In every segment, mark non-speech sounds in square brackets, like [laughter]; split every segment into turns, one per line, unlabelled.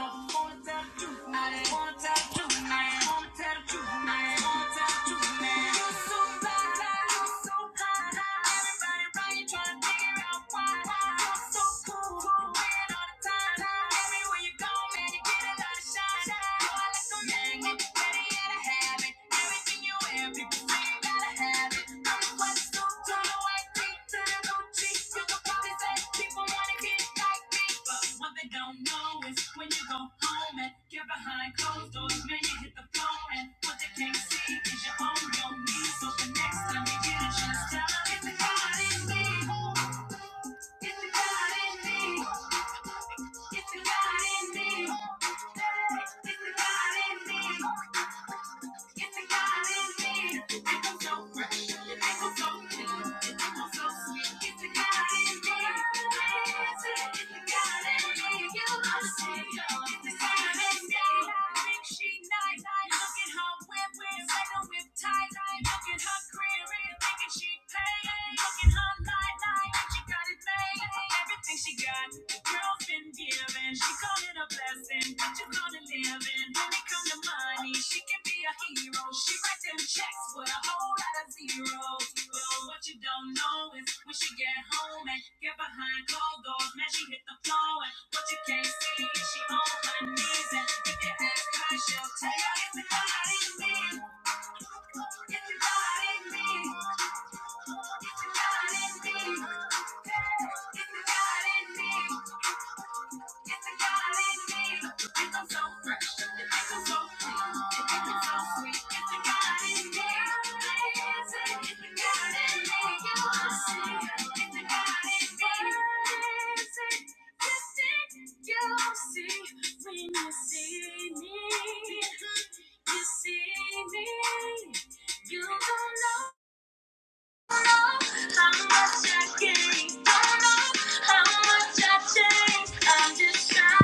Everything you wear, people say that. It's the God in me. It's the God in me. Look at her career, thinking she paid. Look at her life, she got it made. Everything Think she got the girls been giving. She call it a blessing. What you to live living? When it comes to money, she can be a hero. She writes them checks with a whole lot of zeros. But what you don't know is when she get home and get behind closed doors, man, she hit the floor. And what you can't see is she on her knees. And if you ask her, she'll tell you it's not in me. It's not in me. It's not in me. It's not in me. You don't know how much I gain. Don't know how much I changed, i just trying to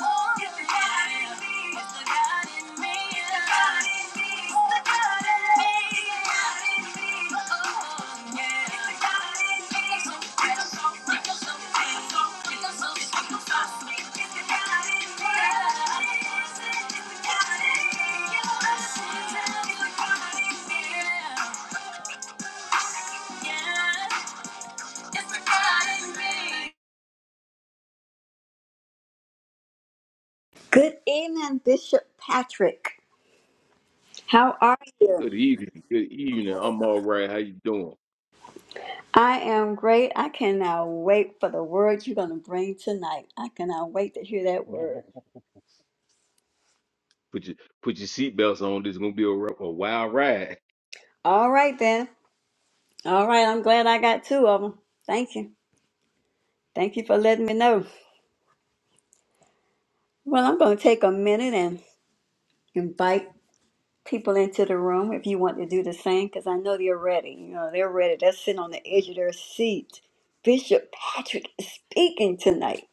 Ooh, it's the God me, it's the God me, it's the God me, it's the God me, it's the God in me, oh, yeah. It's the God in So real, so real, so real, so real, so real, so real. It's the God in me. It's the God in me. Yes, it's the God in me. Yeah. Good evening, Bishop Patrick. How are you?
Good evening. Good evening. I'm all right. How you doing?
I am great. I cannot wait for the word you're going to bring tonight. I cannot wait to hear that
[laughs]
word.
Put your put your seatbelts on. This is gonna be a, r- a wild ride.
All right, then. All right, I'm glad I got two of them. Thank you. Thank you for letting me know. Well, I'm going to take a minute and invite people into the room if you want to do the same because I know they're ready. You know, they're ready. They're sitting on the edge of their seat. Bishop Patrick is speaking tonight.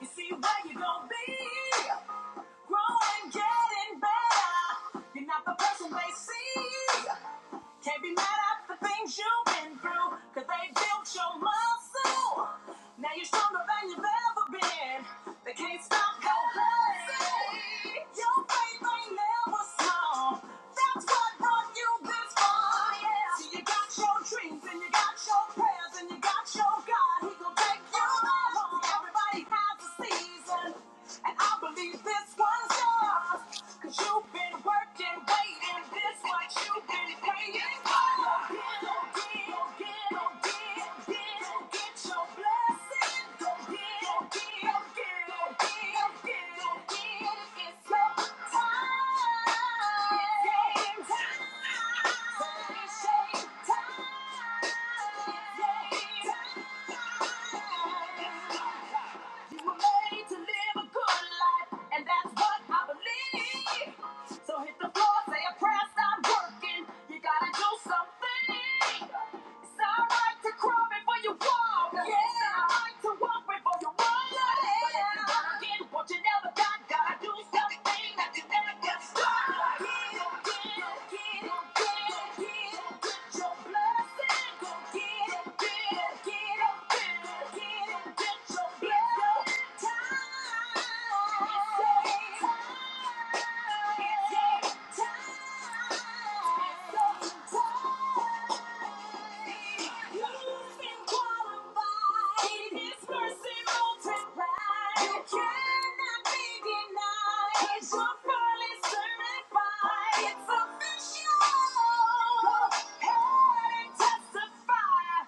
You see where you gon' be. Growing, getting better. You're not the person they see. Can't be mad at the things you've been through, cause they built your muscle. Now you're stronger than you've ever been. They can't stop your hustle. Your faith ain't never small. That's what Get your blessing. You were made to live a good life, and that's what I believe. So hit the floor, say a prayer, stop working. You gotta do something. It's alright to crawl before you walk. Yeah. It's alright to walk before you walk. Yeah. But if you wanna get what you never got, gotta do something that you never get stuck. Go get, it, go get, it, go get, it, go get, go get your blessing. Go get, it, get, it, get, it, get, go get, go get your blessing. Time. It's time.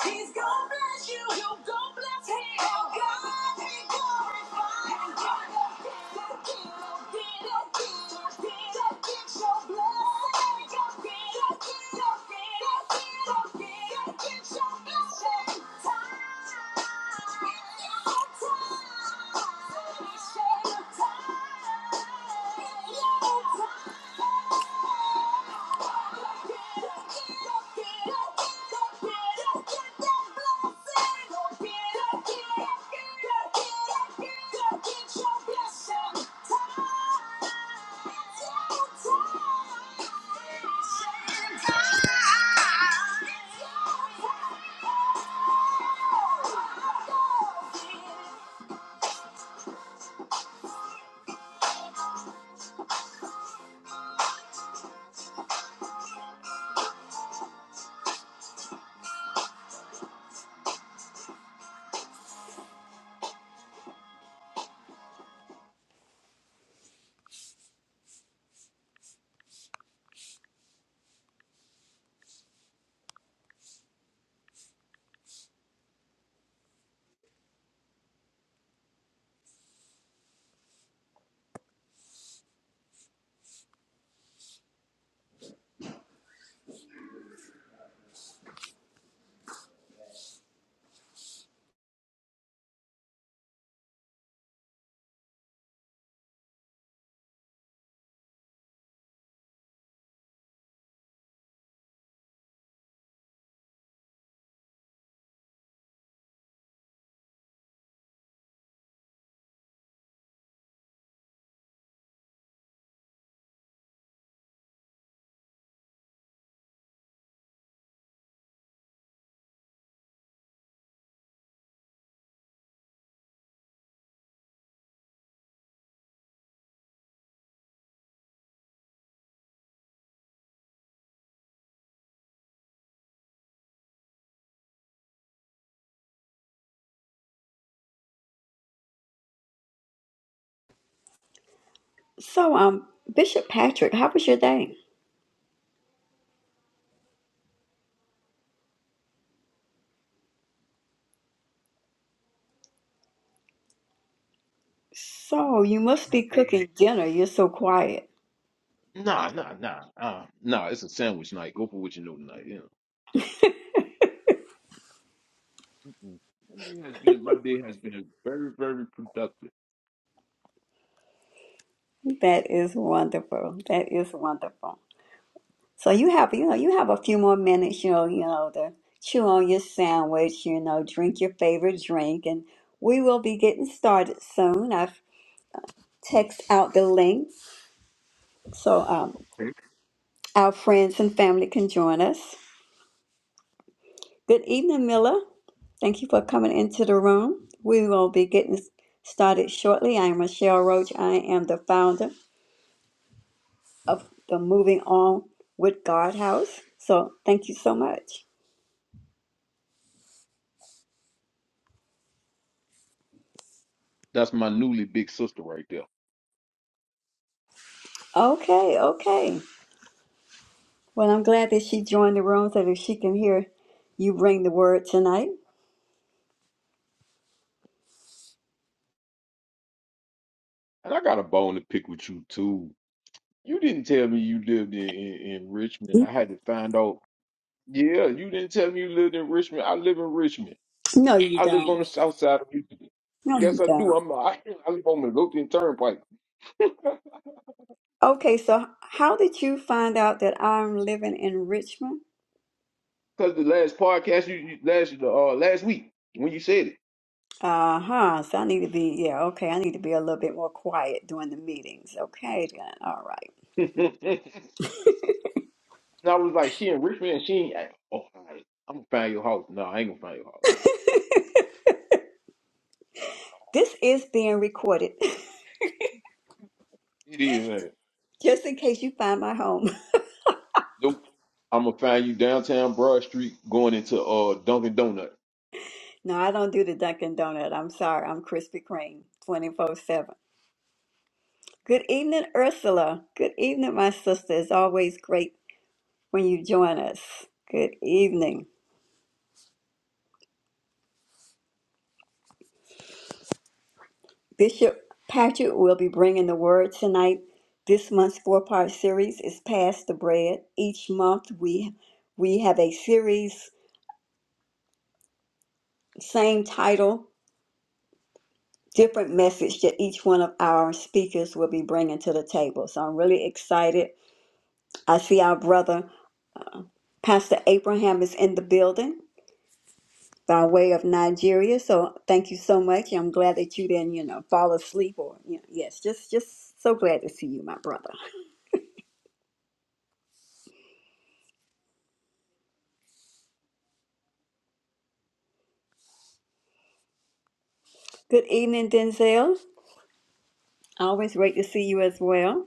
He's gonna bless you, you gonna bless him. Oh God be glorified. Time. So, um, Bishop Patrick, how was your day? So, you must
My
be
dear.
cooking dinner. You're so quiet.
Nah, nah, nah, uh, nah. It's a sandwich night. Go for what you know tonight. You know. Mm-mm. My day has been my day has been very very productive.
That is wonderful. That is wonderful. So you have, you know, you have a few more minutes, you know, you know, to chew on your sandwich, you know, drink your favorite drink, and we will be getting started soon. I've texted out the link so um, our friends and family can join us. Good evening, Miller. Thank you for coming into the room. We will be getting started shortly. I am Michelle Roach. I am the founder of the Moving On with God House. So thank you so much.
That's my newly big sister right there.
Okay, okay. Well, I'm glad that she joined the room so that she can hear you bring the word tonight.
And I got a bone to pick with you too. You didn't tell me you lived in, in, in Richmond. I had to find out. Yeah, you didn't tell me you lived in Richmond. I live in Richmond.
No, you
I live on
don't.
the south side of Houston.
No,
Yes,
you
I do.
don't.
I'm I, [laughs] I live on Midlothian Turnpike. [laughs]
Okay, so how did you find out that I'm living in Richmond?
Cause the last podcast you, you last uh last week when you said
Uh huh. So I need to be, yeah, okay. I need to be a little bit more quiet during the meetings. Okay, then. All right.
it, [laughs] and I was like, she in Richmond, and she ain't. Oh, all right. I'm gonna find your house. No, I ain't gonna find your house.
This is being recorded
It is. Man.
[laughs] just in case you find my home. [laughs]
Nope. I'm gonna find you downtown Broad Street, going into uh Dunkin' Donut.
No, I don't do the Dunkin' Donut. I'm sorry. I'm Krispy Kreme 24 7. Good evening, Ursula. Good evening, my sister. It's always great when you join us. Good evening. Bishop Patrick will be bringing the word tonight. This month's four-part series is Pass the Bread. Each month we we have a series, same title, different message that each one of our speakers will be bringing to the table. So I'm really excited. I see our brother Pastor Abraham is in the building. by way of Nigeria. So thank you so much. I'm glad that you didn't, you know, fall asleep or you know, yes, just just so glad to see you, my brother. Good evening, Denzel. Always great to see you as well.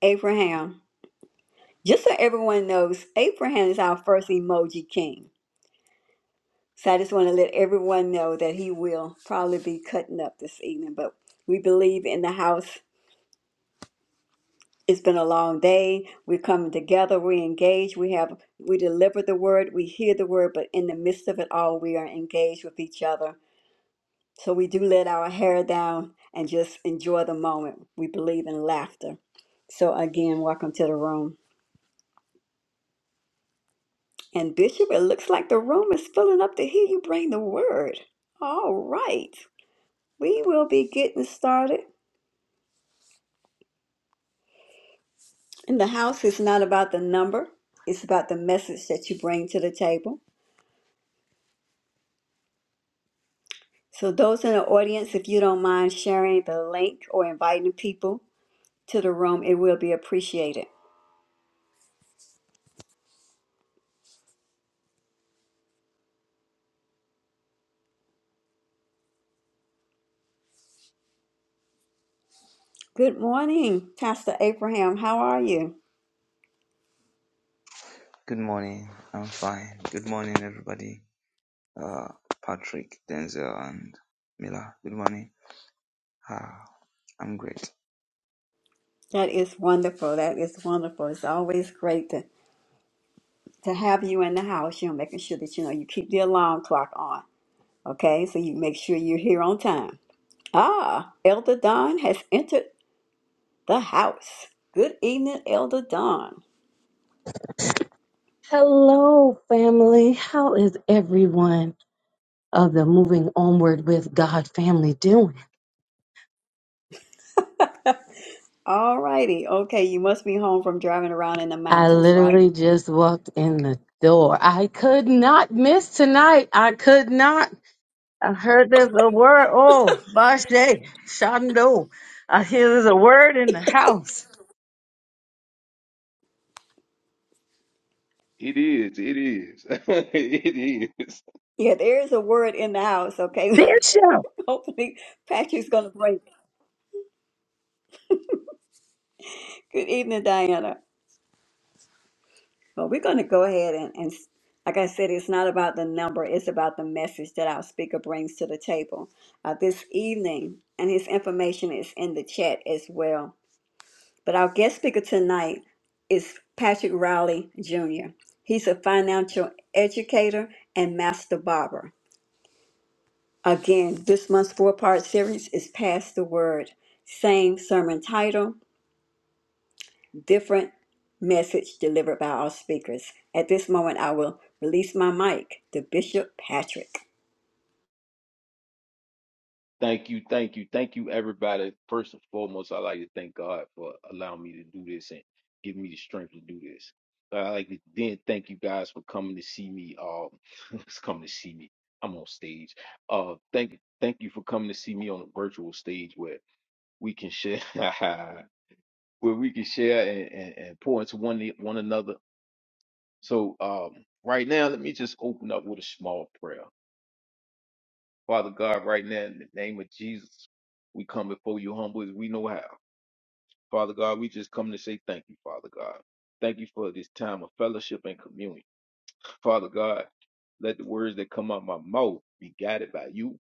Abraham. Just so everyone knows, Abraham is our first emoji king. So I just want to let everyone know that he will probably be cutting up this evening, but we believe in the house It's been a long day. We're coming together. We engage. We have we deliver the word. We hear the word, but in the midst of it all, we are engaged with each other. So we do let our hair down and just enjoy the moment. We believe in laughter. So again, welcome to the room. And Bishop, it looks like the room is filling up to hear you bring the word. All right. We will be getting started. And the house is not about the number, it's about the message that you bring to the table. So, those in the audience, if you don't mind sharing the link or inviting people to the room, it will be appreciated. Good morning, Pastor Abraham. How are you?
Good morning. I'm fine. Good morning, everybody. Uh, Patrick, Denzel, and Mila. Good morning. Ah, I'm great.
That is wonderful. That is wonderful. It's always great to, to have you in the house. You know, making sure that you know you keep the alarm clock on. Okay, so you make sure you're here on time. Ah, Elder Don has entered the house. Good evening, Elder Don.
Hello, family. How is everyone of the Moving Onward with God family doing?
All righty. Okay, you must be home from driving around in the
I
mountains, right?
literally just walked in the door. I could not miss tonight. I could not. I heard there's a word. Oh, Bashe, Shando. I hear there's a word in the house.
It is. It is. [laughs] it is.
Yeah, there is a word in the house, okay?
Bishop.
[laughs] Hopefully, Patrick's going to break. Good evening, Diana. Well, we're going to go ahead and, and, s- like I said, it's not about the number, it's about the message that our speaker brings to the table uh, this evening. And his information is in the chat as well. But our guest speaker tonight is Patrick Rowley Jr., he's a financial educator and master barber. Again, this month's four part series is Pass the Word. Same sermon title different message delivered by our speakers. At this moment, I will release my mic to Bishop Patrick.
Thank you, thank you, thank you, everybody. First and foremost, I like to thank God for allowing me to do this and giving me the strength to do this. I like to then thank you guys for coming to see me. Um, [laughs] it's coming to see me. I'm on stage. Uh, thank thank you for coming to see me on a virtual stage where we can share, [laughs] where we can share and, and, and pour into one one another. So um, right now, let me just open up with a small prayer. Father God, right now, in the name of Jesus, we come before you humble as we know how. Father God, we just come to say thank you, Father God. Thank you for this time of fellowship and communion. Father God, let the words that come out my mouth be guided by you,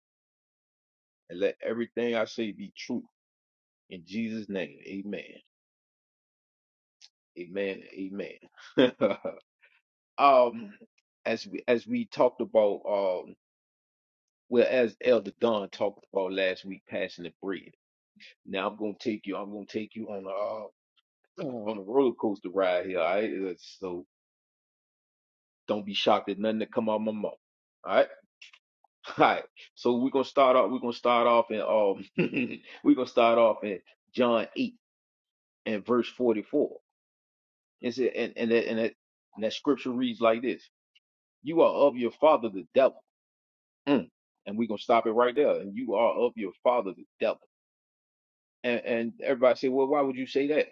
and let everything I say be true. In Jesus' name, amen. Amen. Amen. [laughs] um, as we as we talked about um well as Elder Don talked about last week, passing the bread. Now I'm gonna take you, I'm gonna take you on on a roller coaster ride here. All right, It's- so don't be shocked at nothing that come out of my mouth. All right, [laughs] all right. So we're gonna start off. We're gonna start off in um. [laughs] we're gonna start off in John eight and verse forty four. It said, and and that, and that and that scripture reads like this: You are of your father the devil. Mm. And we're gonna stop it right there. And you are of your father the devil. and, and everybody say, well, why would you say that?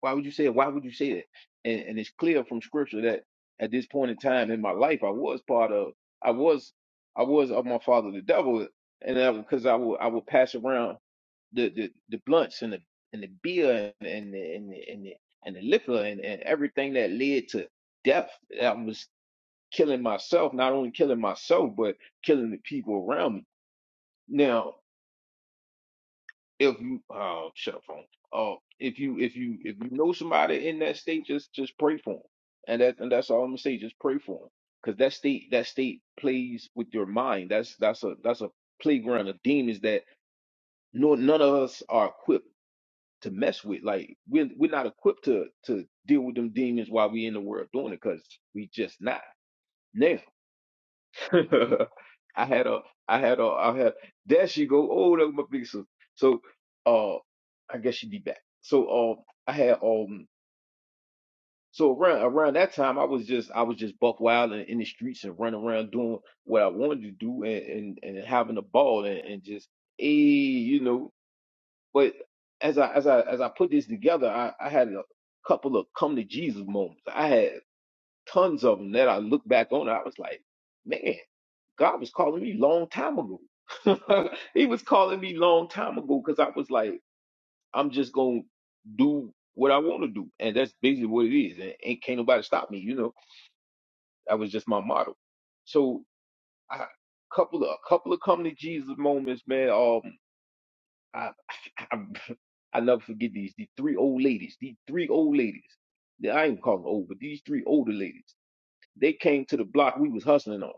Why would you say it? Why would you say that? And, and it's clear from scripture that at this point in time in my life, I was part of, I was, I was of my father, the devil. And that because I would, I would pass around the, the, the blunts and the, and the beer and, and the, and the, and the, and the liquor and, and everything that led to death. I was killing myself, not only killing myself, but killing the people around me. Now, if you oh shut up phone. Oh, if you if you if you know somebody in that state, just just pray for them, and that and that's all I'm gonna say. Just pray for them, because that state that state plays with your mind. That's that's a that's a playground of demons that no none of us are equipped to mess with. Like we're we're not equipped to to deal with them demons while we in the world doing it, because we just not. now. [laughs] I had a, I had a, I had. There she go. Oh, that was my big sister. So, uh, I guess she be back. So, um, I had, um, so around around that time, I was just, I was just buck wild and in the streets and running around doing what I wanted to do and and, and having a ball and, and just, eh, you know. But as I as I as I put this together, I I had a couple of come to Jesus moments. I had tons of them that I look back on. I was like, man. God was calling me long time ago. [laughs] he was calling me long time ago because I was like, I'm just gonna do what I want to do, and that's basically what it is. And ain't can't nobody stop me, you know. That was just my motto. So I couple of a couple of come to Jesus moments, man. Um, I [laughs] I, I never forget these the three old ladies, these three old ladies. I ain't calling old, but these three older ladies. They came to the block we was hustling on,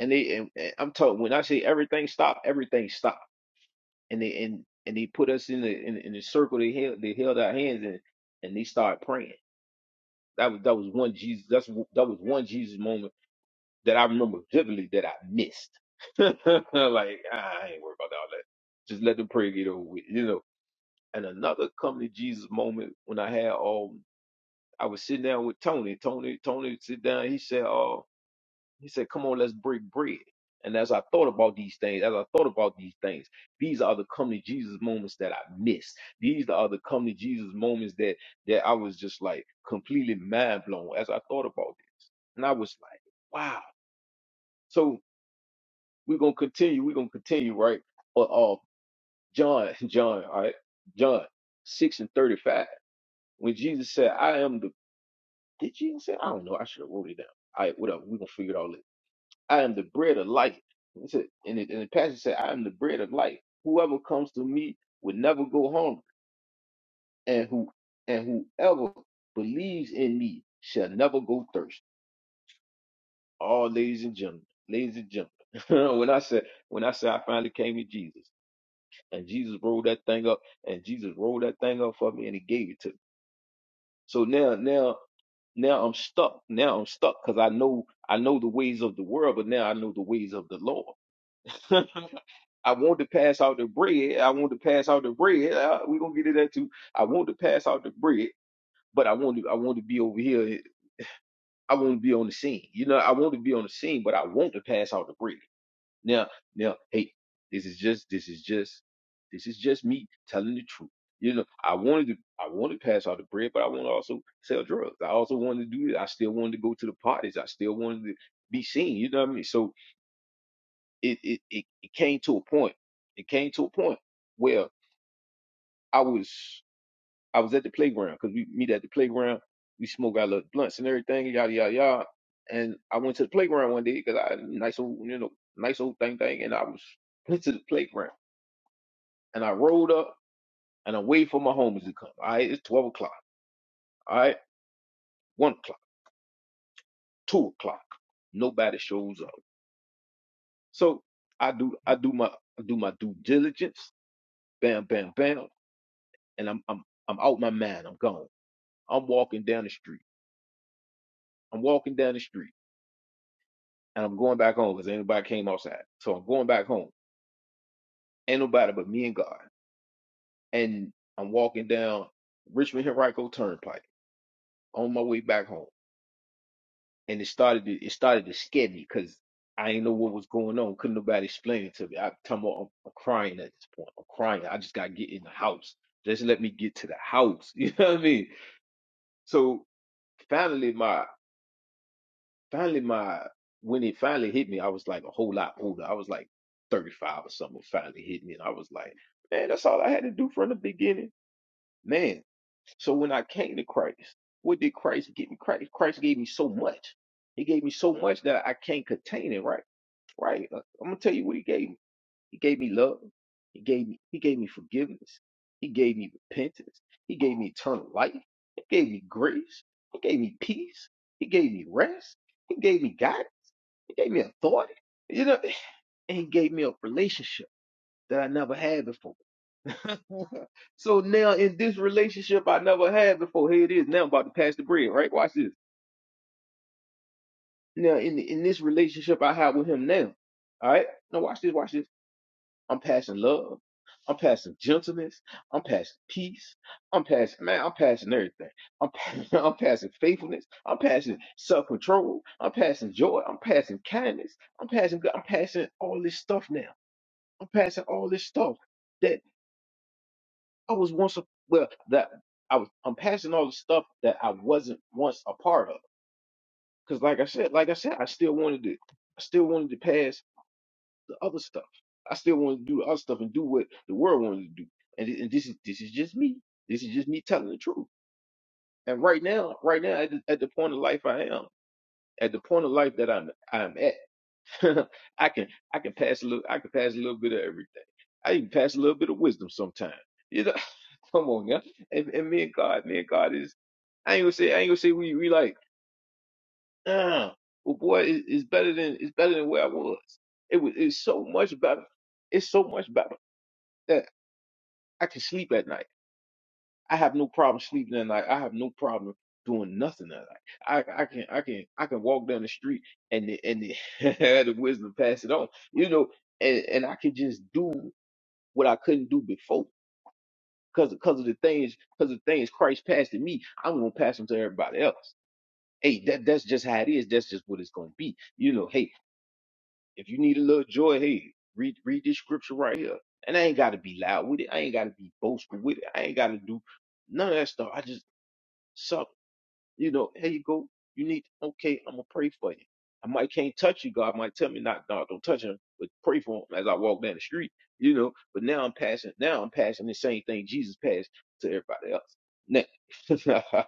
and they and, and I'm talking when I say everything stopped, everything stopped and they and and they put us in the in, in the circle. They held they held our hands and and they started praying. That was that was one Jesus. That's that was one Jesus moment that I remember vividly that I missed. [laughs] like ah, I ain't worried about all that. Just let the prayer get over with, you know. And another come to Jesus moment when I had um I was sitting down with Tony. Tony Tony sit down. He said, "Oh." He said, Come on, let's break bread. And as I thought about these things, as I thought about these things, these are the come to Jesus moments that I missed. These are the come to Jesus moments that that I was just like completely mind blown as I thought about this. And I was like, wow. So we're gonna continue, we're gonna continue, right? Uh, uh John, [laughs] John, all right, John six and thirty-five. When Jesus said, I am the did Jesus say I don't know, I should have wrote it down. All right, whatever, we're gonna figure it out later. I am the bread of life. He said, and, it, and the passage said, I am the bread of life. Whoever comes to me will never go hungry, and who and whoever believes in me shall never go thirsty. Oh, ladies and gentlemen, ladies and gentlemen. [laughs] when I said when I said I finally came to Jesus, and Jesus rolled that thing up, and Jesus rolled that thing up for me, and he gave it to me. So now, now, now I'm stuck. Now I'm stuck because I know I know the ways of the world, but now I know the ways of the Lord. [laughs] I want to pass out the bread. I want to pass out the bread. Uh, we gonna get to that too. I want to pass out the bread, but I want to I want to be over here. I want to be on the scene. You know, I want to be on the scene, but I want to pass out the bread. Now, now, hey, this is just this is just this is just me telling the truth. You know, I wanted to I wanted to pass out the bread, but I want to also sell drugs. I also wanted to do it. I still wanted to go to the parties. I still wanted to be seen. You know what I mean? So it it it, it came to a point. It came to a point. where. I was I was at the playground because we meet at the playground. We smoke our little blunts and everything, yada yada yada. And I went to the playground one day because I had a nice old you know nice old thing thing, and I was went to the playground and I rolled up and I waited for my homies to come. All right, it's twelve o'clock. All right, one o'clock, two o'clock. Nobody shows up. So I do I do my I do my due diligence. Bam bam bam, and I'm I'm I'm out my mind. I'm gone. I'm walking down the street. I'm walking down the street. and I'm going back home because anybody came outside. So I'm going back home. Ain't nobody but me and God. And I'm walking down Richmond Henrico Turnpike on my way back home. And it started to it started to scare me because I didn't know what was going on. Couldn't nobody explain it to me. I come on, I'm, I'm crying at this point. I'm crying. I just gotta get in the house. Just let me get to the house. [laughs] You know what I mean? So finally, my finally my when it finally hit me, I was like a whole lot older. I was like 35 or something. Finally hit me, and I was like, man, that's all I had to do from the beginning, man. So when I came to Christ, what did Christ give me? Christ, Christ gave me so much. He gave me so much that I can't contain it. Right, right. Uh, I'm gonna tell you what he gave me. He gave me love. He gave me. He gave me forgiveness. He gave me repentance. He gave me eternal life. He gave me grace. He gave me peace. He gave me rest. He gave me guidance. He gave me authority, you know, and he gave me a relationship that I never had before. [laughs] so now in this relationship I never had before, here it is. Now I'm about to pass the bread, right? Watch this. Now in in this relationship I have with him now, all right? Now watch this, watch this. I'm passing love. I'm passing gentleness. I'm passing peace. I'm passing man. I'm passing everything. I'm [laughs] I'm passing faithfulness. I'm passing self control. I'm passing joy. I'm passing kindness. I'm passing. I'm passing all this stuff now. I'm passing all this stuff that I was once a well that I was I'm passing all the stuff that I wasn't once a part of. Cause like I said, like I said, I still wanted to I still wanted to pass the other stuff. I still wanted to do the other stuff and do what the world wanted to do. And, thi- and this is this is just me. This is just me telling the truth. And right now, right now at the, at the point of life I am, at the point of life that I'm I'm at, [laughs] I can I can pass a little I can pass a little bit of everything. I even pass a little bit of wisdom sometimes. you know. [laughs] Come on yeah. And, and me and God, me and God is I ain't gonna say I ain't gonna say we we like ah well boy it, it's better than it's better than where I was. It was it's so much better. It's so much better that I can sleep at night. I have no problem sleeping at night. I have no problem doing nothing at night. I I can I can I can walk down the street and the, and the, [laughs] the wisdom pass it on. You know, and and I can just do what I couldn't do before. Cause, cause of the things, cause of the things Christ passed to me, I'm gonna pass them to everybody else. Hey, that that's just how it is. That's just what it's gonna be. You know, hey, if you need a little joy, hey, read read this scripture right here. And I ain't gotta be loud with it. I ain't gotta be boastful with it. I ain't gotta do none of that stuff. I just suck. You know, hey, you go. You need okay. I'm gonna pray for you. I might can't touch you. God might tell me not, no, don't touch him, but pray for him as I walk down the street. You know, but now I'm passing. Now I'm passing the same thing Jesus passed to everybody else. Now,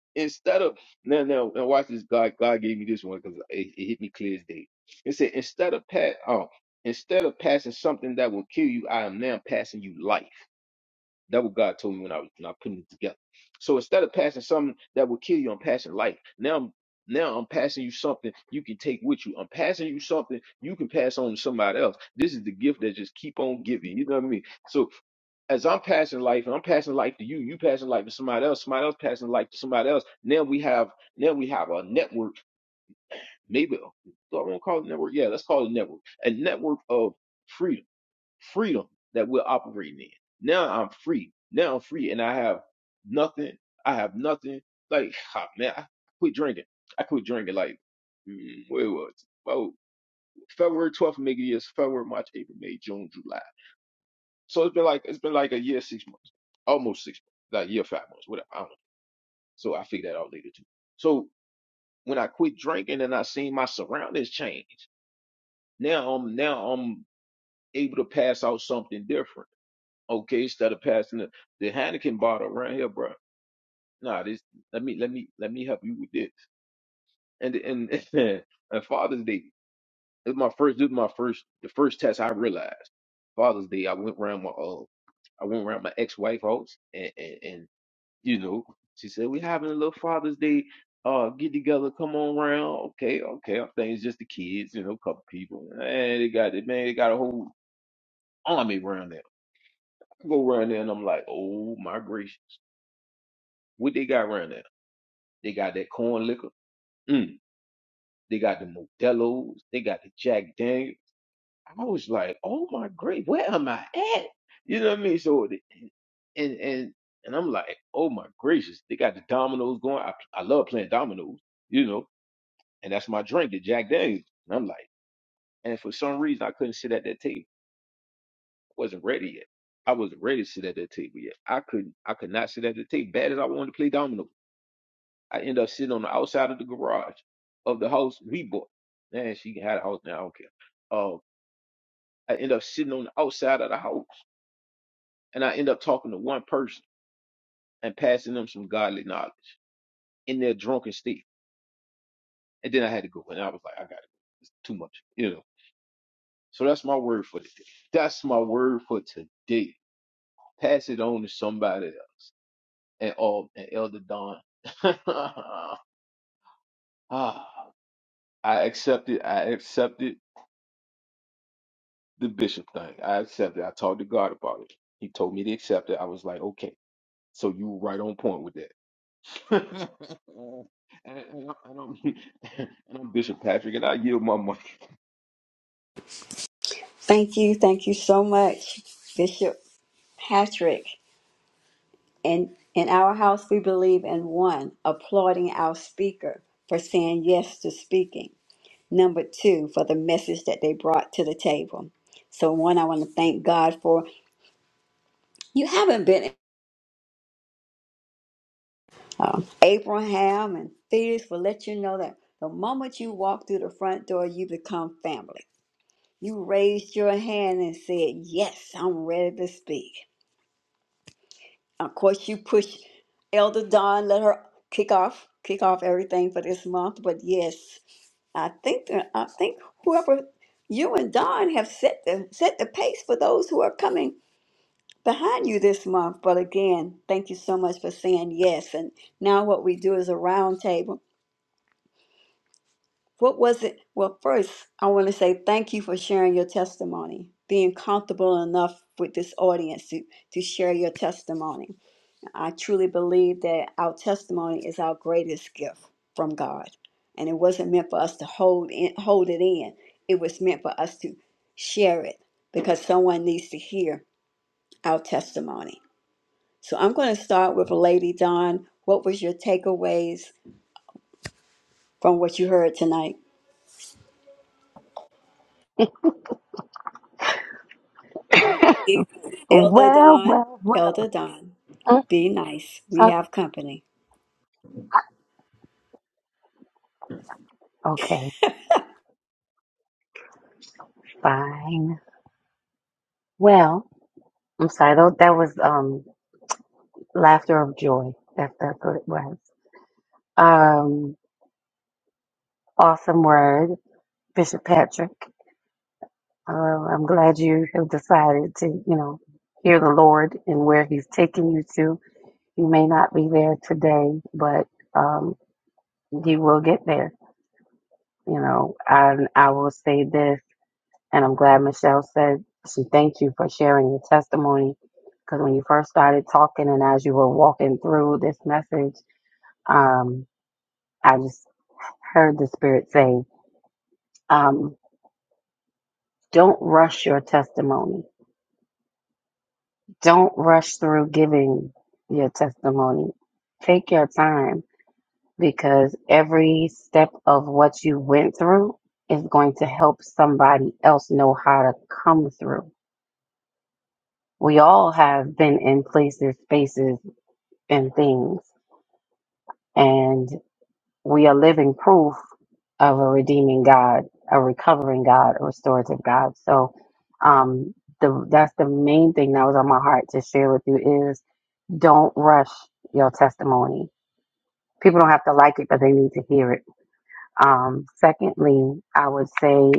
[laughs] instead of now, now, now, watch this. God, God gave me this one because it, it hit me clear as day. It said instead of pass, oh, instead of passing something that will kill you, I am now passing you life. That what God told me when I was when I putting it together. So instead of passing something that will kill you, I'm passing life. Now I'm now I'm passing you something you can take with you. I'm passing you something you can pass on to somebody else. This is the gift that just keep on giving. You know what I mean? So as I'm passing life and I'm passing life to you, you passing life to somebody else, somebody else passing life to somebody else. Now we have now we have a network, maybe do I want to call it a network? Yeah, let's call it a network. A network of freedom freedom that we're operating in. Now I'm free. Now I'm free, and I have nothing. I have nothing. Like [sighs] ah, man, I quit drinking. I quit drinking. Like mm, where was it? oh February 12th, make it years February, March, April, May, June, July. So it's been like it's been like a year, six months, almost six months, like a year, five months, whatever. I don't know. So I figured that out later too. So when I quit drinking and I seen my surroundings change, now I'm now I'm able to pass out something different okay, instead of passing the, the Heineken bottle around here, bro. Nah, this let me let me let me help you with this. And and [laughs] and Father's Day, this my first this was my first the first test I realized. Father's Day, I went around my uh I went around my ex wife house and, and and you know, she said, We having a little Father's Day uh get together, come on round. Okay, okay, I think it's just the kids, you know, a couple people. And they got it, man, they got a whole army around there. I go around there and I'm like, Oh my gracious What they got around there? They got that corn liquor. Mm. They got the Modelo's. They got the Jack Daniels. I was like, oh my great, where am I at? You know what I mean? So the- and and and I'm like, oh my gracious, they got the dominoes going. I I love playing dominoes, you know, and that's my drink, the Jack Daniels. And I'm like, and for some reason I couldn't sit at that table. I wasn't ready yet. I wasn't ready to sit at that table yet. I couldn't I could not sit at the table. Bad as I wanted to play dominoes. I ended up sitting on the outside of the garage of the house we bought. Man, she had a house now. I don't care. Um, I end up sitting on the outside of the house, and I end up talking to one person and passing them some godly knowledge in their drunken state. And then I had to go, and I was like, I got it too much, you know. So that's my word for today. That's my word for today. Pass it on to somebody else. And all and Elder Don. [laughs] ah, I accept it. I accept it. the bishop thing. I accepted. I talked to God about it. He told me to accept it. I was like, okay, so you were right on point with that. [laughs] and, and, I'm, and, I'm, [laughs] and I'm Bishop Patrick, and I yield my money.
Thank you, thank you so much, Bishop Patrick. And in our house, we believe in one, applauding our speaker for saying yes to speaking. Number two, for the message that they brought to the table. So, one, I want to thank God for you haven't been um, Abraham and Felix will let you know that the moment you walk through the front door, you become family. You raised your hand and said, Yes, I'm ready to speak. Of course, you push Elder Don, let her kick off, kick off everything for this month. But yes, I think that- I think whoever you and Don have set the set the pace for those who are coming behind you this month. But again, thank you so much for saying yes. And now what we do is a roundtable. What was it? Well, first, I want to say thank you for sharing your testimony, being comfortable enough with this audience to, to share your testimony. I truly believe that our testimony is our greatest gift from God. And it wasn't meant for us to hold in, hold it in. It was meant for us to share it because someone needs to hear our testimony. So I'm going to start with Lady Dawn. What was your takeaways from what you heard tonight?
[laughs]
Elder
Well,
Don,
well, well.
Elder Don,
Mm,
be nice. We
uh,
have company.
Okay, fine. Well, I'm sorry. That, that was um laughter of joy. That, that's what it was. Um, awesome word, Bishop Patrick. Uh, I'm glad you have decided to, you know, hear the Lord and where He's taking you to. You may not be there today, but um, you will get there. You know, and I will say this, and I'm glad Michelle said she thanked you for sharing your testimony because when you first started talking and as you were walking through this message, um, I just heard the Spirit say, um, don't rush your testimony Don't rush through giving your testimony. Take your time because every step of what you went through is going to help somebody else know how to come through. We all have been in places, spaces, and things, and we are living proof of a redeeming God, a recovering God, a restorative God. So, um, the that's the main thing that was on my heart to share with you is. Don't rush your testimony. People don't have to like it, but they need to hear it. Um, secondly, I would say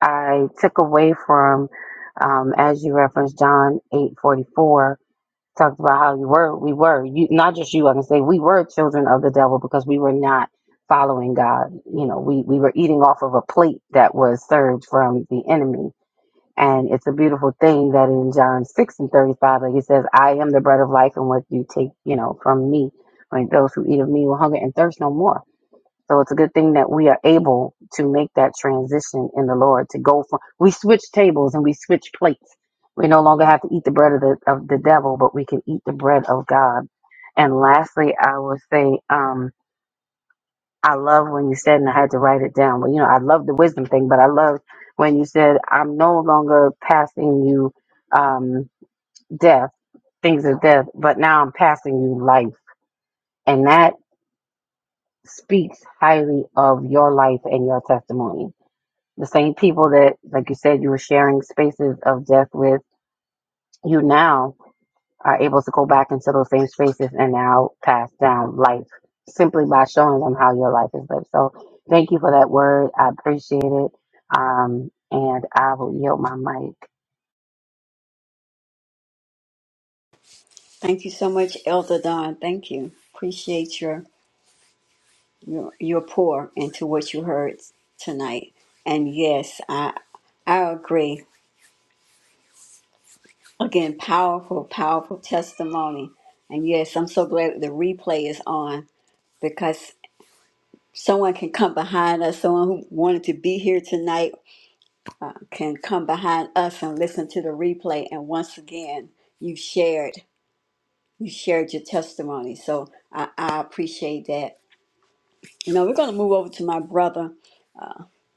I took away from, um, as you referenced John eight forty four talked about how you were, we were, you, not just you, I can say we were children of the devil because we were not following God. You know, we, we were eating off of a plate that was served from the enemy And it's a beautiful thing that in John 6 and 35, like he says, I am the bread of life, and what you take, you know, from me, like those who eat of me will hunger and thirst no more. So it's a good thing that we are able to make that transition in the Lord to go from, we switch tables and we switch plates. We no longer have to eat the bread of the, of the devil, but we can eat the bread of God. And lastly, I will say, um, I love when you said, and I had to write it down. But you know, I love the wisdom thing, but I love when you said, I'm no longer passing you um, death, things of death, but now I'm passing you life. And that speaks highly of your life and your testimony. The same people that, like you said, you were sharing spaces of death with you now are able to go back into those same spaces and now pass down life simply by showing them how your life is lived. So thank you for that word. I appreciate it. Um, and I will yield my mic.
Thank you so much, Elder Don. Thank you. Appreciate your your your pour into what you heard tonight. And yes, I I agree. Again, powerful, powerful testimony. And yes, I'm so glad the replay is on because someone can come behind us. Someone who wanted to be here tonight can come behind us and listen to the replay. And once again, you shared. you shared your testimony. So I, I appreciate that. You know, we're going to move over to my brother,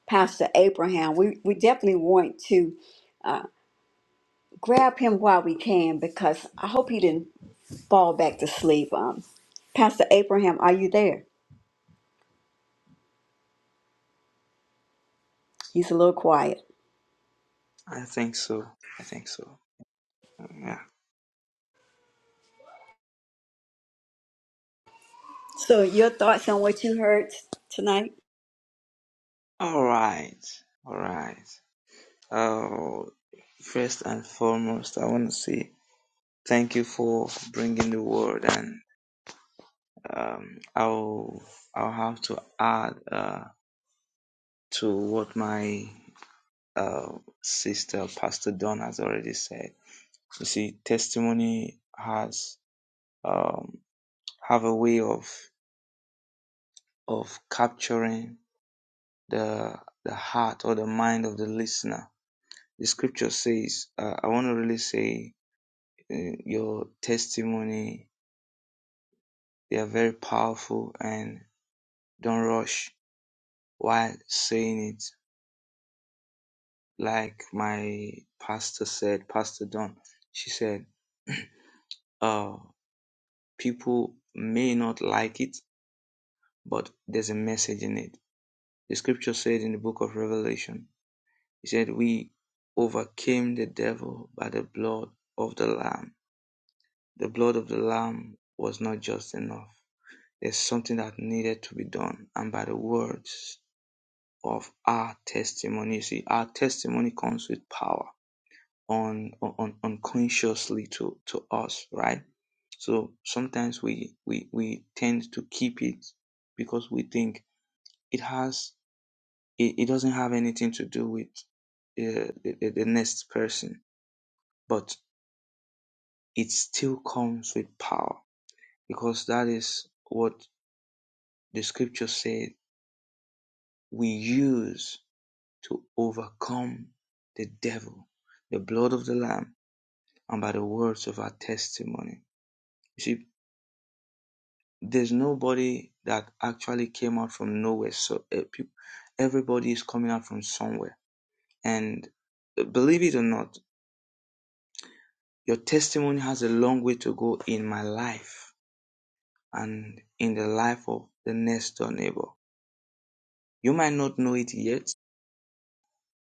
Pastor Abraham. We, we definitely want to grab him while we can because I hope he didn't fall back to sleep. Um, Pastor Abraham, are you there? He's a little quiet.
I think so. I think so. Yeah.
So, your thoughts on what you heard tonight?
All right. All right. Oh, first and foremost, I want to say thank you for bringing the word, and um, I'll I'll have to add uh to what my uh sister Pastor Don has already said. You see, testimony has um, have a way of of capturing the the heart or the mind of the listener. The scripture says, uh, I want to really say, uh, your testimony they are very powerful, and don't rush while saying it. Like my pastor said, Pastor Don, she said, [clears throat] uh, people may not like it, but there's a message in it The scripture said in the book of Revelation, He said, We overcame the devil by the blood of the Lamb. The blood of the Lamb was not just enough. There's something that needed to be done. And by the words of our testimony, you see, our testimony comes with power on, on unconsciously to, to us, right? So sometimes we, we, we tend to keep it because we think it has it, it doesn't have anything to do with uh, the, the, the next person, but it still comes with power because that is what the scripture said we use to overcome the devil, the blood of the Lamb, and by the words of our testimony. You see, there's nobody that actually came out from nowhere. So uh, peop- everybody is coming out from somewhere. And uh, believe it or not, Your testimony has a long way to go in my life and in the life of the next door neighbor. You might not know it yet,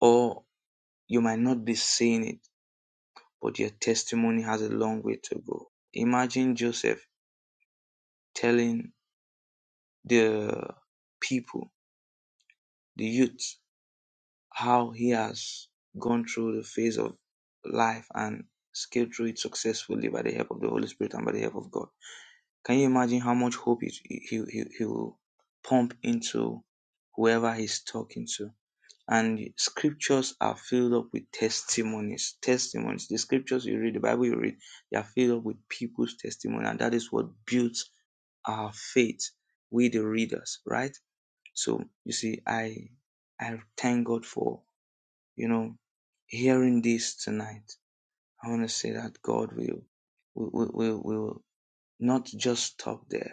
or you might not be seeing it, but your testimony has a long way to go. Imagine Joseph telling the people, the youth, how he has gone through the phase of life and scaled through it successfully by the help of the Holy Spirit and by the help of God. Can you imagine how much hope it, he, he, he will pump into whoever he's talking to? And scriptures are filled up with testimonies. Testimonies. The scriptures you read, the Bible you read, they are filled up with people's testimony. And that is what builds our faith with the readers, right? So you see, I I thank God for, you know, hearing this tonight. I want to say that God will will, will, will will not just stop there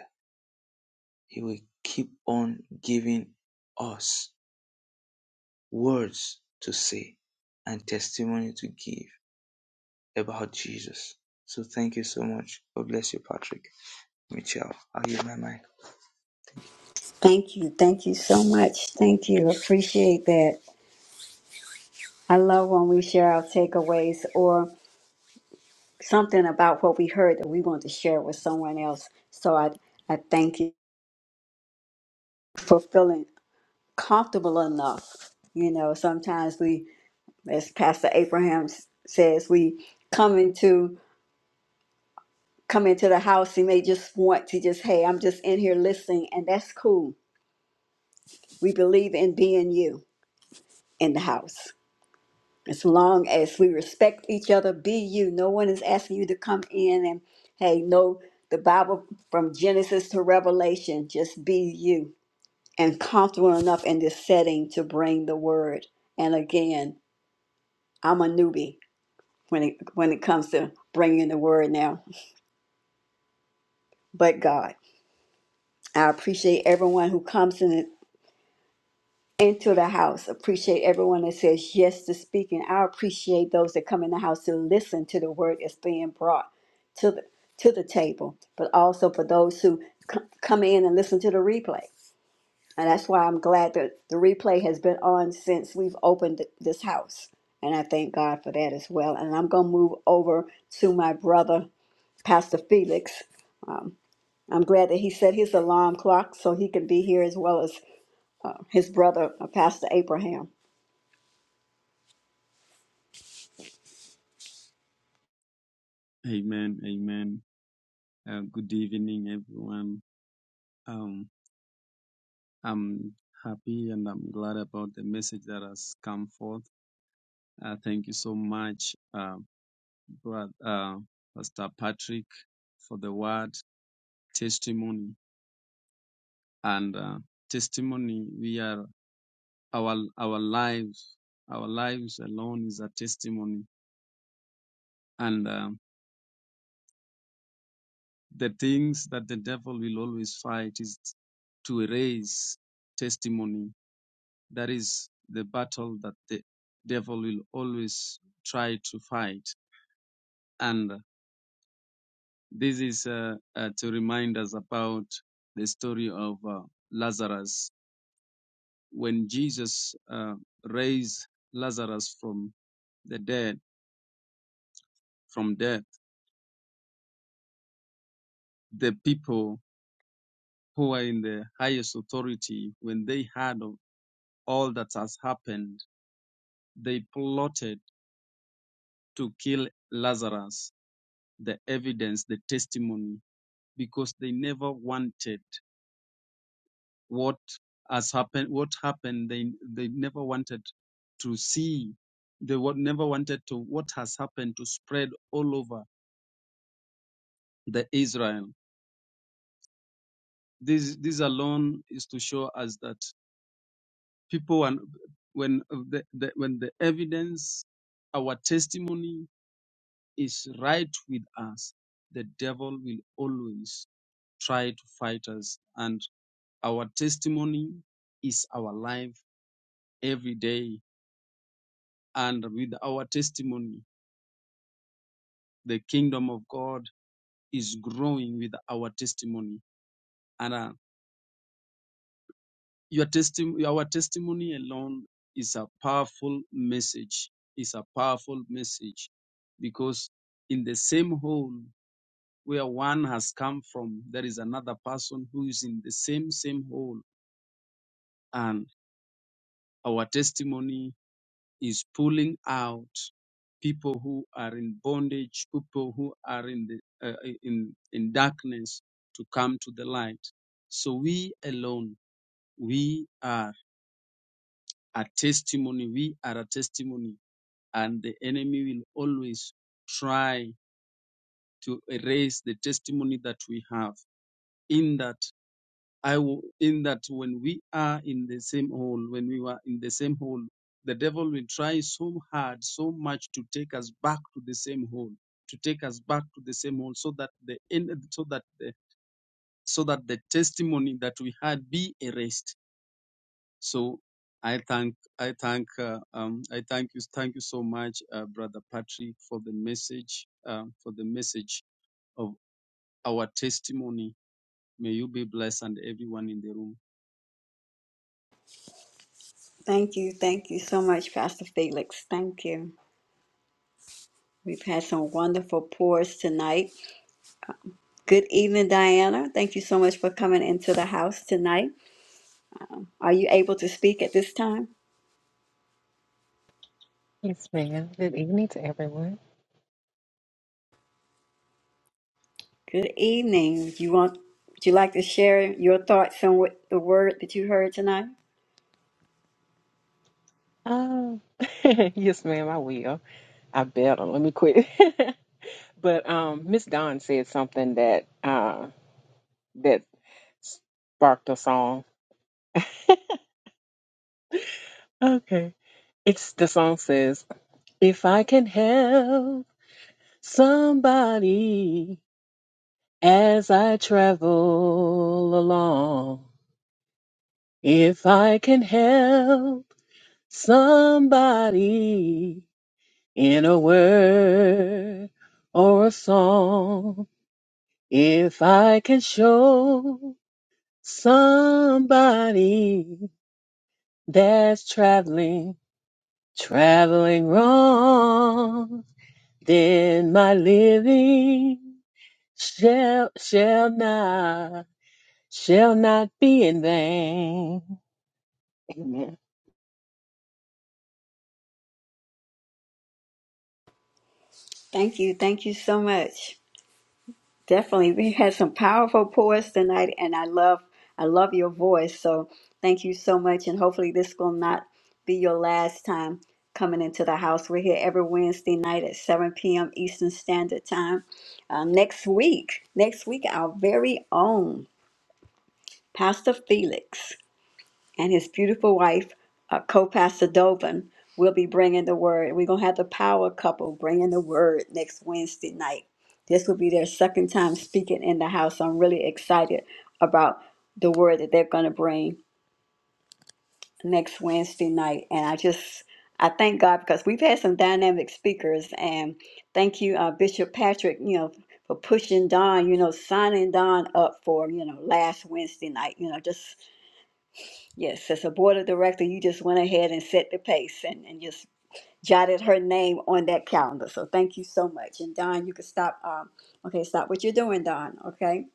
He will keep on giving us words to say and testimony to give about Jesus. So thank you so much. God bless you, Patrick. Michelle, I'll use my mic. Thank
Thank you. Thank you so much. Thank you. Appreciate that. I love when we share our takeaways, or something about what we heard that we want to share with someone else. So I I thank you for feeling comfortable enough. You know, sometimes we, as Pastor Abraham s- says, we come into come into the house. He may just want to just, hey, I'm just in here listening, and that's cool. We believe in being you in the house. as long as we respect each other, be you. No one is asking you to come in and, hey, no, the Bible from Genesis to Revelation, just be you and comfortable enough in this setting to bring the word. And again, I'm a newbie when it, when it comes to bringing the word now, but God. I appreciate everyone who comes in. into the house. Appreciate everyone that says yes to speaking. I appreciate those that come in the house to listen to the word that's being brought to the to the table, but also for those who c- come in and listen to the replay. And that's why I'm glad that the replay has been on since we've opened th- this house. And I thank God for that as well. And I'm going to move over to my brother, Pastor Felix. Um, I'm glad that he set his alarm clock so he can be here as well as uh, his brother, uh, Pastor Abraham.
Amen, amen. Uh, good evening, everyone. Um, I'm happy and I'm glad about the message that has come forth. Uh, thank you so much, uh, brother, uh, Pastor Patrick, for the word testimony and uh, testimony. We are our our lives, our lives alone is a testimony, and uh, the things that the devil will always fight is to erase testimony That is the battle that the devil will always try to fight. And this is uh, uh, to remind us about the story of uh, Lazarus. When Jesus uh, raised Lazarus from the dead, from death, the people who are in the highest authority, when they heard of all that has happened, they plotted to kill Lazarus. The evidence, the testimony because they never wanted what has happened what happened they they never wanted to see they wa- never wanted to what has happened to spread all over the israel this this alone is to show us that people and when the, the when the evidence our testimony is right with us the devil will always try to fight us and our testimony is our life every day and with our testimony, the kingdom of God is growing with our testimony. And uh, your testimony, our testimony alone is a powerful message. Is a powerful message because in the same hole where one has come from, there is another person who is in the same same hole, and our testimony is pulling out people who are in bondage, people who are in the uh, in in darkness to come to the light. So we alone, we are a testimony. We are a testimony, and the enemy will always try to erase the testimony that we have. In that I w- in that when we are in the same hole, when we were in the same hole, the devil will try so hard, so much to take us back to the same hole, to take us back to the same hole, so that the end, so that the, so that the testimony that we had be erased. So I thank, I thank, uh, um, I thank you, thank you so much, uh, brother Patrick, for the message, uh, for the message of our testimony. May you be blessed and everyone in the room.
Thank you. Thank you so much, Pastor Felix. Thank you. We've had some wonderful pours tonight. Good evening, Diana. Thank you so much for coming into the house tonight. Are you able to speak at this time?
Yes, ma'am. Good evening to everyone.
Good evening. Do you want would you like to share your thoughts on what the word that you heard tonight?
Um, [laughs] yes, ma'am, I will. I bet on. Let me quit. [laughs] but um, Miss Dawn said something that uh that sparked a song. Okay, it's the song says, "If I can help somebody as I travel along, if I can help somebody." in a word or a song. If I can show somebody that's traveling, traveling wrong, then my living shall, shall not, shall not be in vain. Amen.
Thank you. Thank you so much. Definitely, we had some powerful pours tonight, and I love I love your voice. So thank you so much, and hopefully this will not be your last time coming into the house. We're here every Wednesday night at 7 p.m. Eastern Standard Time. Uh, next week, next week, our very own Pastor Felix and his beautiful wife, uh, co-pastor Dovin, will be bringing the word. We're gonna have the power couple bringing the word next Wednesday night. This will be their second time speaking in the house. I'm really excited about the word that they're gonna bring next Wednesday night, and I just I thank God because we've had some dynamic speakers, and thank you, uh, Bishop Patrick. You know. For pushing Don, you know, signing Don up for, you know, last Wednesday night, you know, just Yes, as a board of director, you just went ahead and set the pace and, and just jotted her name on that calendar. So thank you so much. And Don, you can stop. Um, okay, stop what you're doing, Don. Okay.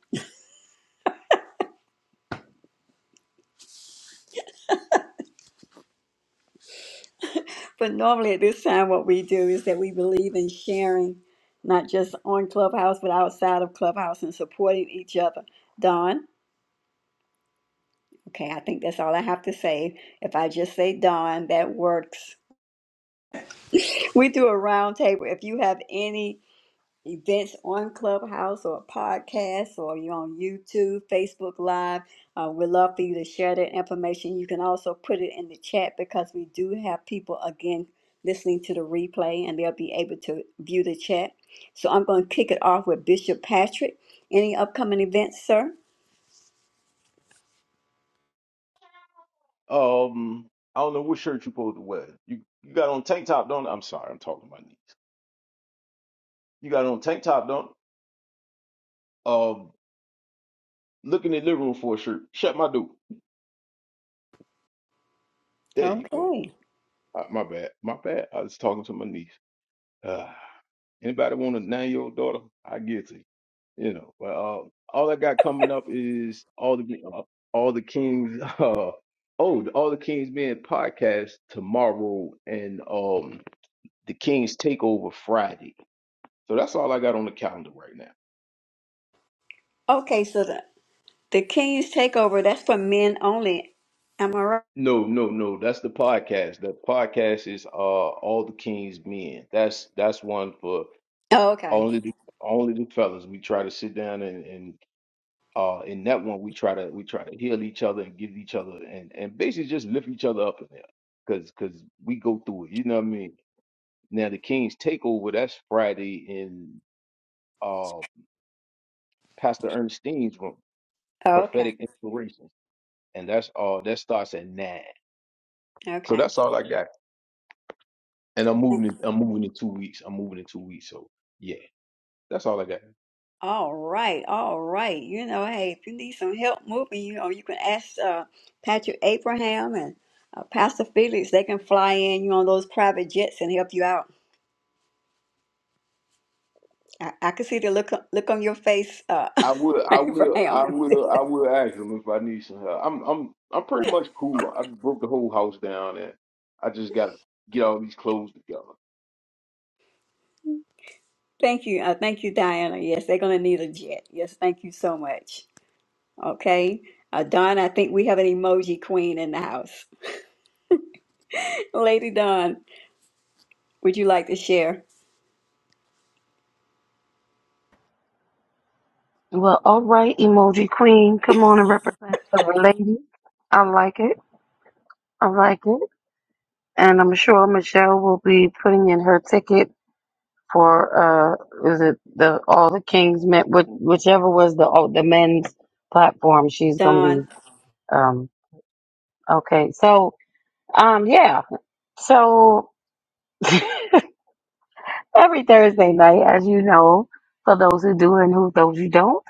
But normally at this time, what we do is that we believe in sharing, not just on Clubhouse, but outside of Clubhouse and supporting each other. Don. Okay, I think that's all I have to say. If I just say Don, that works. [laughs] We do a round table. If you have any events on Clubhouse or podcasts or you're on YouTube, Facebook Live. Uh, we'd love for you to share that information. You can also put it in the chat because we do have people again listening to the replay and they'll be able to view the chat. So I'm going to kick it off with Bishop Patrick. Any upcoming events, sir?
Um, I don't know what shirt you supposed to wear. You you got on tank top, don't? I'm sorry, I'm talking to my niece. You got on tank top, don't? Um, look in the living room for a shirt. Shut my door. There you go.
Okay.
Uh, my bad. My bad. I was talking to my niece. Ah. Anybody want to name your daughter? I get to you You know. But uh, all I got coming up is all the uh, all the kings. [laughs] Uh, oh, the all the kings men podcast tomorrow, and um, the Kings takeover Friday. So that's all I got on the calendar right now.
Okay, so the, the King's Takeover, that's for men only. Am I right?
No, no, no. That's the podcast. The podcast is uh all the kings men. That's that's one for
Oh, okay.
only the only the fellas. We try to sit down and and Uh, in that one, we try to we try to heal each other and give each other and and basically just lift each other up in there, cause cause we go through it. You know what I mean? Now the King's Takeover that's Friday in uh Pastor Ernestine's room,
Okay.
prophetic inspiration, and that's all that starts at nine. So
Okay.
that's all I got. And I'm moving. In, I'm moving in two weeks. I'm moving in two weeks. So yeah, that's all I got.
All right, all right. You know, hey, if you need some help moving, you know, you can ask uh, Patrick Abraham and uh, Pastor Felix. They can fly in you on those private jets and help you out. I, I can see the look look on your face, uh,
I will,
[laughs]
I will, I
Abraham.
will, I will ask them if I need some help. I'm, I'm, I'm pretty much cool. I broke the whole house down, and I just gotta get all these clothes together.
Thank you, uh, thank you, Diana. Yes, they're gonna need a jet. Yes, thank you so much. Okay, uh, Don, I think we have an emoji queen in the house. [laughs] Lady Don, would you like to share?
Well, all right, emoji queen, come on and represent for the lady. I like it. I like it. And I'm sure Michelle will be putting in her ticket for uh is it the all the kings men which, whichever was the all the men's platform she's gonna
Don,
be um okay. So. Um, yeah. So [laughs] every Thursday night, as you know, for those who do and who those who don't,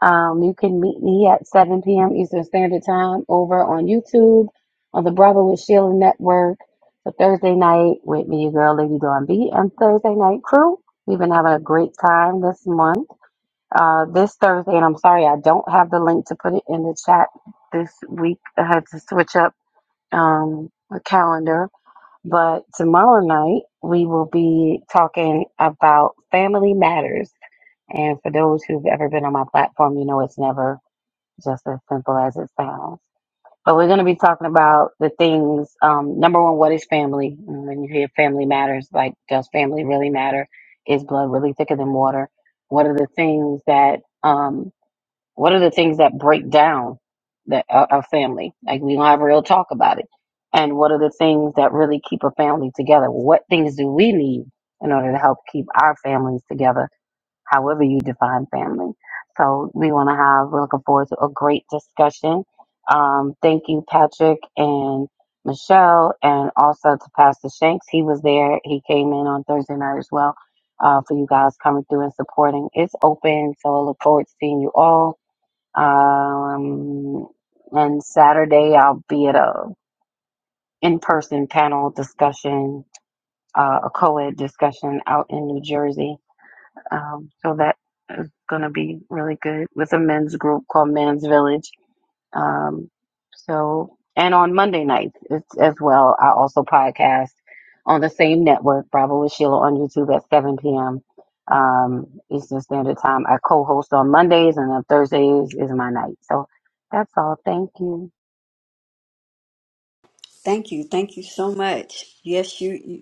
um, you can meet me at 7 p.m. Eastern Standard Time over on YouTube on the Brother with Sheila Network for Thursday night with me, your girl, Lady Dawn B, and Thursday night crew. We've been having a great time this month. Uh, this Thursday, and I'm sorry I don't have the link to put it in the chat this week. I had to switch up um, a calendar But tomorrow night, we will be talking about family matters. And for those who've ever been on my platform, you know it's never just as simple as it sounds. But we're going to be talking about the things. Um, number one, what is family? And When you hear family matters, like does family really matter? Is blood really thicker than water? What are the things that um, what are the things that break down that our, our family? Like we don't have real talk about it. And what are the things that really keep a family together? What things do we need in order to help keep our families together? However you define family. So we want to have. We're looking forward to a great discussion. Um, thank you, Patrick and Michelle, and also to Pastor Shanks. He was there. He came in on Thursday night as well uh, for you guys coming through and supporting. It's open, so I look forward to seeing you all um, and Saturday, I'll be at a in-person panel discussion, uh, a co-ed discussion out in New Jersey. Um, so that is going to be really good with a men's group called Men's Village. Um, so, and on Monday nights it's, as well, I also podcast on the same network, Bravo with Sheila on YouTube at 7 p.m. Um, Eastern Standard Time. I co-host on Mondays and on Thursdays is my night. So that's all. Thank you.
thank you, thank you so much. Yes, you. you.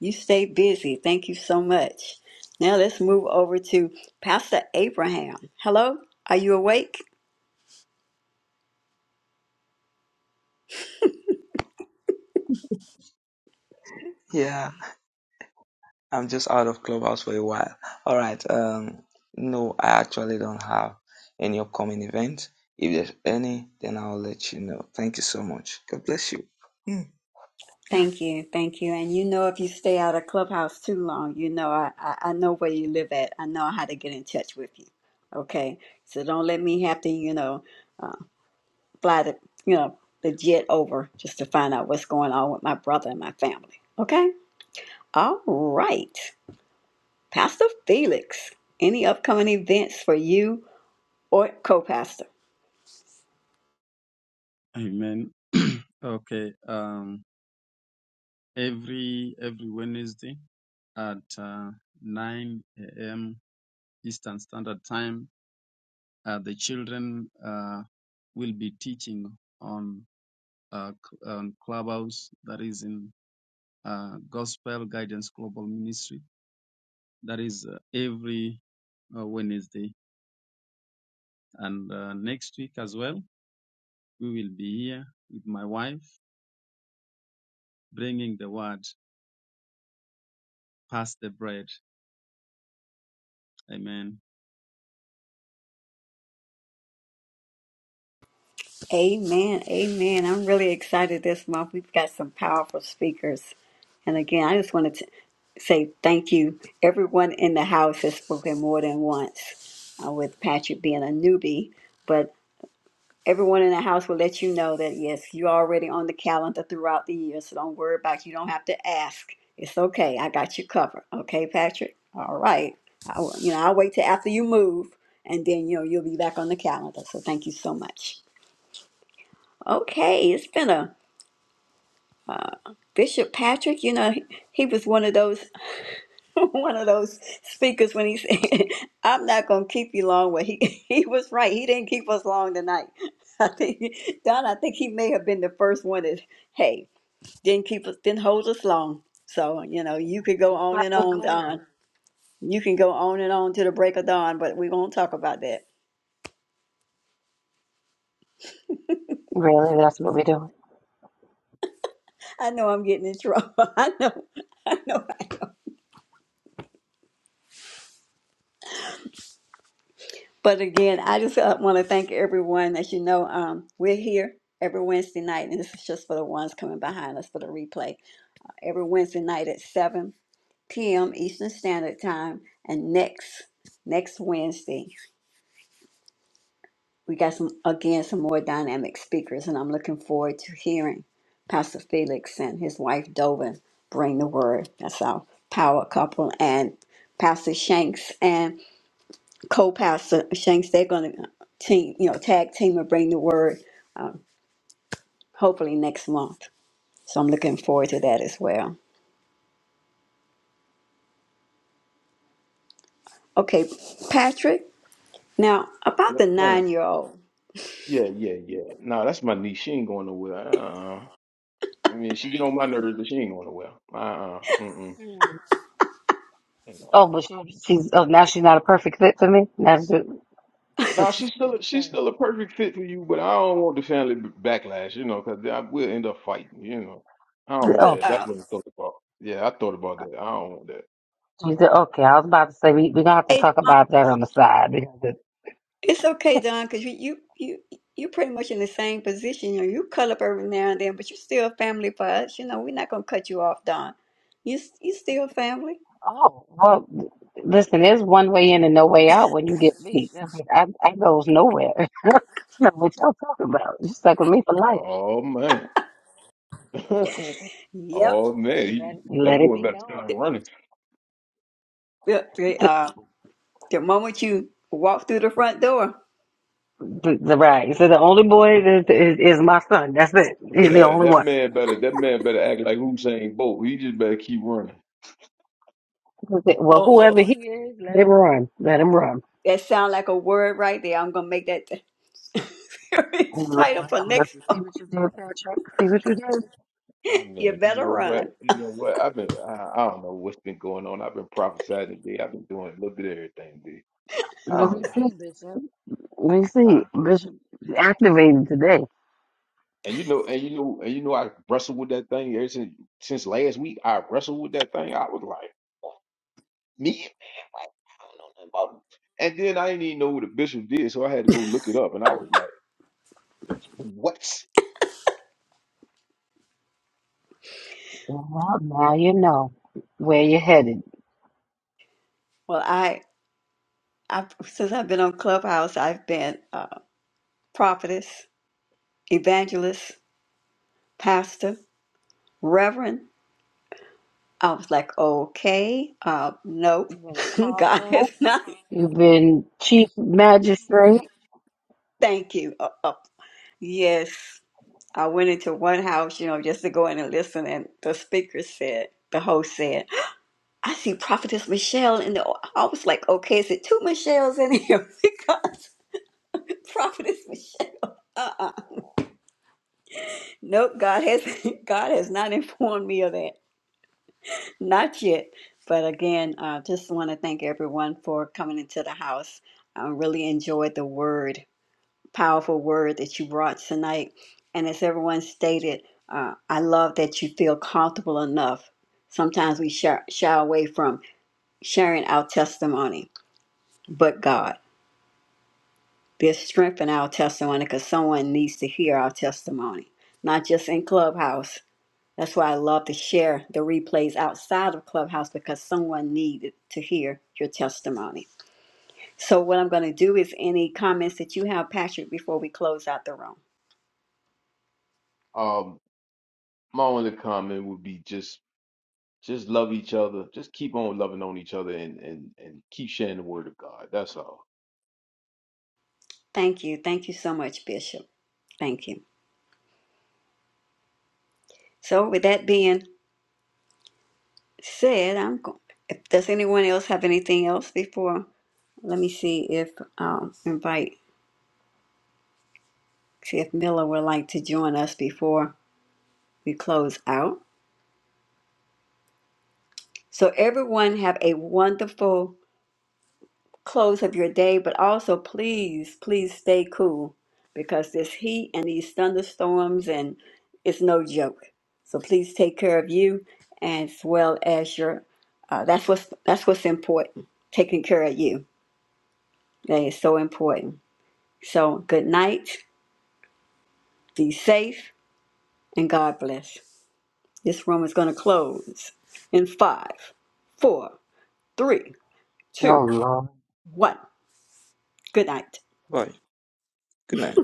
You stay busy. Thank you so much. Now let's move over to Pastor Abraham. Hello, are you awake?
you. Yeah, I'm just out of clubhouse for a while. All right. Um, no, I actually don't have any upcoming event. If there's any, then I'll let you know. Thank you so much. God bless you. Hmm, yeah.
Thank you, thank you. And you know, if you stay out of Clubhouse too long, you know I, I, I know where you live at. I know how to get in touch with you. Okay, so don't let me have to, you know, fly the, you know, the jet over just to find out what's going on with my brother and my family. Okay, all right, Pastor Felix. Any upcoming events for you or co-pastor?
Amen. [clears throat] okay. Um, every every Wednesday at uh, 9 a.m. Eastern Standard Time, uh, the children uh, will be teaching on uh, on Clubhouse. That is in uh, Gospel Guidance Global Ministry. That is uh, every uh, Wednesday. And uh, next week as well, we will be here with my wife, bringing the word, pass the bread. Amen.
Amen. Amen. I'm really excited this month. We've got some powerful speakers. And again, I just wanted to say thank you. Everyone in the house has spoken more than once, uh, with Patrick being a newbie. But everyone in the house will let you know that, yes, you're already on the calendar throughout the year. So don't worry about it. You don't have to ask. It's okay. I got you covered. Okay, Patrick? All right. I, will- you know, I'll wait till after you move, and then, you know, you'll be back on the calendar. So thank you so much. Okay, it's been a Bishop Patrick. You know, he, he was one of those [laughs] one of those speakers when he said, [laughs] "I'm not gonna keep you long." Well, he [laughs] he was right. He didn't keep us long tonight. [laughs] I think Don. I think he may have been the first one that hey didn't keep us didn't hold us long. So you know, you could go on and
Captain's-
on, Don. You can go on and on to the break of dawn, but we won't talk about that.
Really, that's what we do.
I know I'm getting in trouble. [laughs] I know. I know. But again, I just uh, want to thank everyone. As you know, um, we're here every Wednesday night, and this is just for the ones coming behind us for the replay. Every Wednesday night at 7 p.m. Eastern Standard Time, and next next Wednesday we got some again some more dynamic speakers, and I'm looking forward to hearing Pastor Felix and his wife Dovin bring the word. That's our power couple, and Pastor Shanks co-pastor Shanks, they're gonna team, you know, tag team and bring the word hopefully next month. So I'm looking forward to that as well. Okay, Patrick. Now about
Yes,
the
ma'am.
nine-year-old.
Yeah, yeah, yeah. Nah, that's my niece. She ain't going nowhere. Uh, I mean, she get on my nerves, but she ain't going nowhere. Uh, mm,
Hmm.
mm.
Oh, but she, she's oh now she's not a perfect fit for me. Now she,
Now
but she,
she's still, she's still a perfect fit for you, but I don't want the family b- backlash, you know, because we'll end up fighting, you know. I don't want
oh,
But
that. That's
uh,
what I thought about. Yeah, I thought about that. I don't want that.
she's okay. I was about to say we we gonna have to
hey,
talk
Don,
about that on the side. because.
it's okay, Don, because you you you you're pretty much in the same position. You know, you cut up every now and then, but you're still family for us. You know, we're not gonna cut you off, Don. You you still family.
Oh, well, listen, there's one way in and no way out when you get beat. I, mean, I, I goes nowhere. [laughs] I know what y'all talking about. You stuck with me for life.
Oh man. [laughs]
Yep.
oh man, he,
Let, let
that
it
boy
be
better
known.
start
The,
running.
the, the,
The,
uh, the moment you walk through the front door.
the, the- right. So the only boy is, is, is my son. That's it.
But
He's the
that,
only
that
one.
man better that man better act like Usain Bolt. He just better keep running.
That's it. Well,
Oh.
whoever he is, let him run. Let him run.
That sound like a word right there. I'm gonna make that [laughs]
Oh,
title
Lord,
for
I'm
next
see
month.
what you did, Patrick. See what you did.
I
You
mean, you
better
know what?
run.
You know what? I've been I, I don't know what's been going on. I've been prophesying today. I've been doing a little bit of everything today. I
Well, We
don't
see, Bishop. We
I don't
see.
know.
Bishop activated today.
And you know, and you know, and you know, I wrestled with that thing ever since since last week. I wrestled with that thing. I was like, me, man, like, I don't know nothing about it. And then I didn't even know what the bishop did, so I had to go look it up. And I was like. What?
Well, now you know where you're headed.
Well, I, I since I've been on Clubhouse, I've been uh, prophetess, evangelist, pastor, reverend. I was like, okay, uh, nope,
You've been
[laughs] God
apostle.
is not.
You've been chief magistrate.
Thank you. Uh, uh, yes, I went into one house, you know, just to go in and listen, and the speaker said, the host said. I see Prophetess Michelle in the. I was like, okay, is it two Michelles in here? [laughs] Because Prophetess Michelle. Uh-uh. Nope. God has [laughs] God has not informed me of that. Not yet. But again, uh, just want to thank everyone for coming into the house. I really enjoyed the word, powerful word that you brought tonight. And as everyone stated, uh, I love that you feel comfortable enough. Sometimes we shy, shy away from sharing our testimony, but God. There's strength in our testimony because someone needs to hear our testimony, not just in Clubhouse. That's why I love to share the replays outside of Clubhouse because someone needed to hear your testimony. So, what I'm going to do is any comments that you have, Patrick, before we close out the room.
Um, my only comment would be just just love each other. Just keep on loving on each other and and and keep sharing the word of God. That's all.
Thank you. Thank you so much, Bishop. Thank you. So, with that being said, I'm going. If, does anyone else have anything else before? Let me see if um, invite, see if Miller would like to join us before we close out. So everyone have a wonderful close of your day, but also please, please stay cool because this heat and these thunderstorms and it's no joke. So please take care of you as well as your. Uh, that's what's that's what's important. Taking care of you that is so important. So good night. Be safe and God bless. This room is going to close in five, four, three, two,
Oh, Lord.
one. Good night.
Bye. Good night.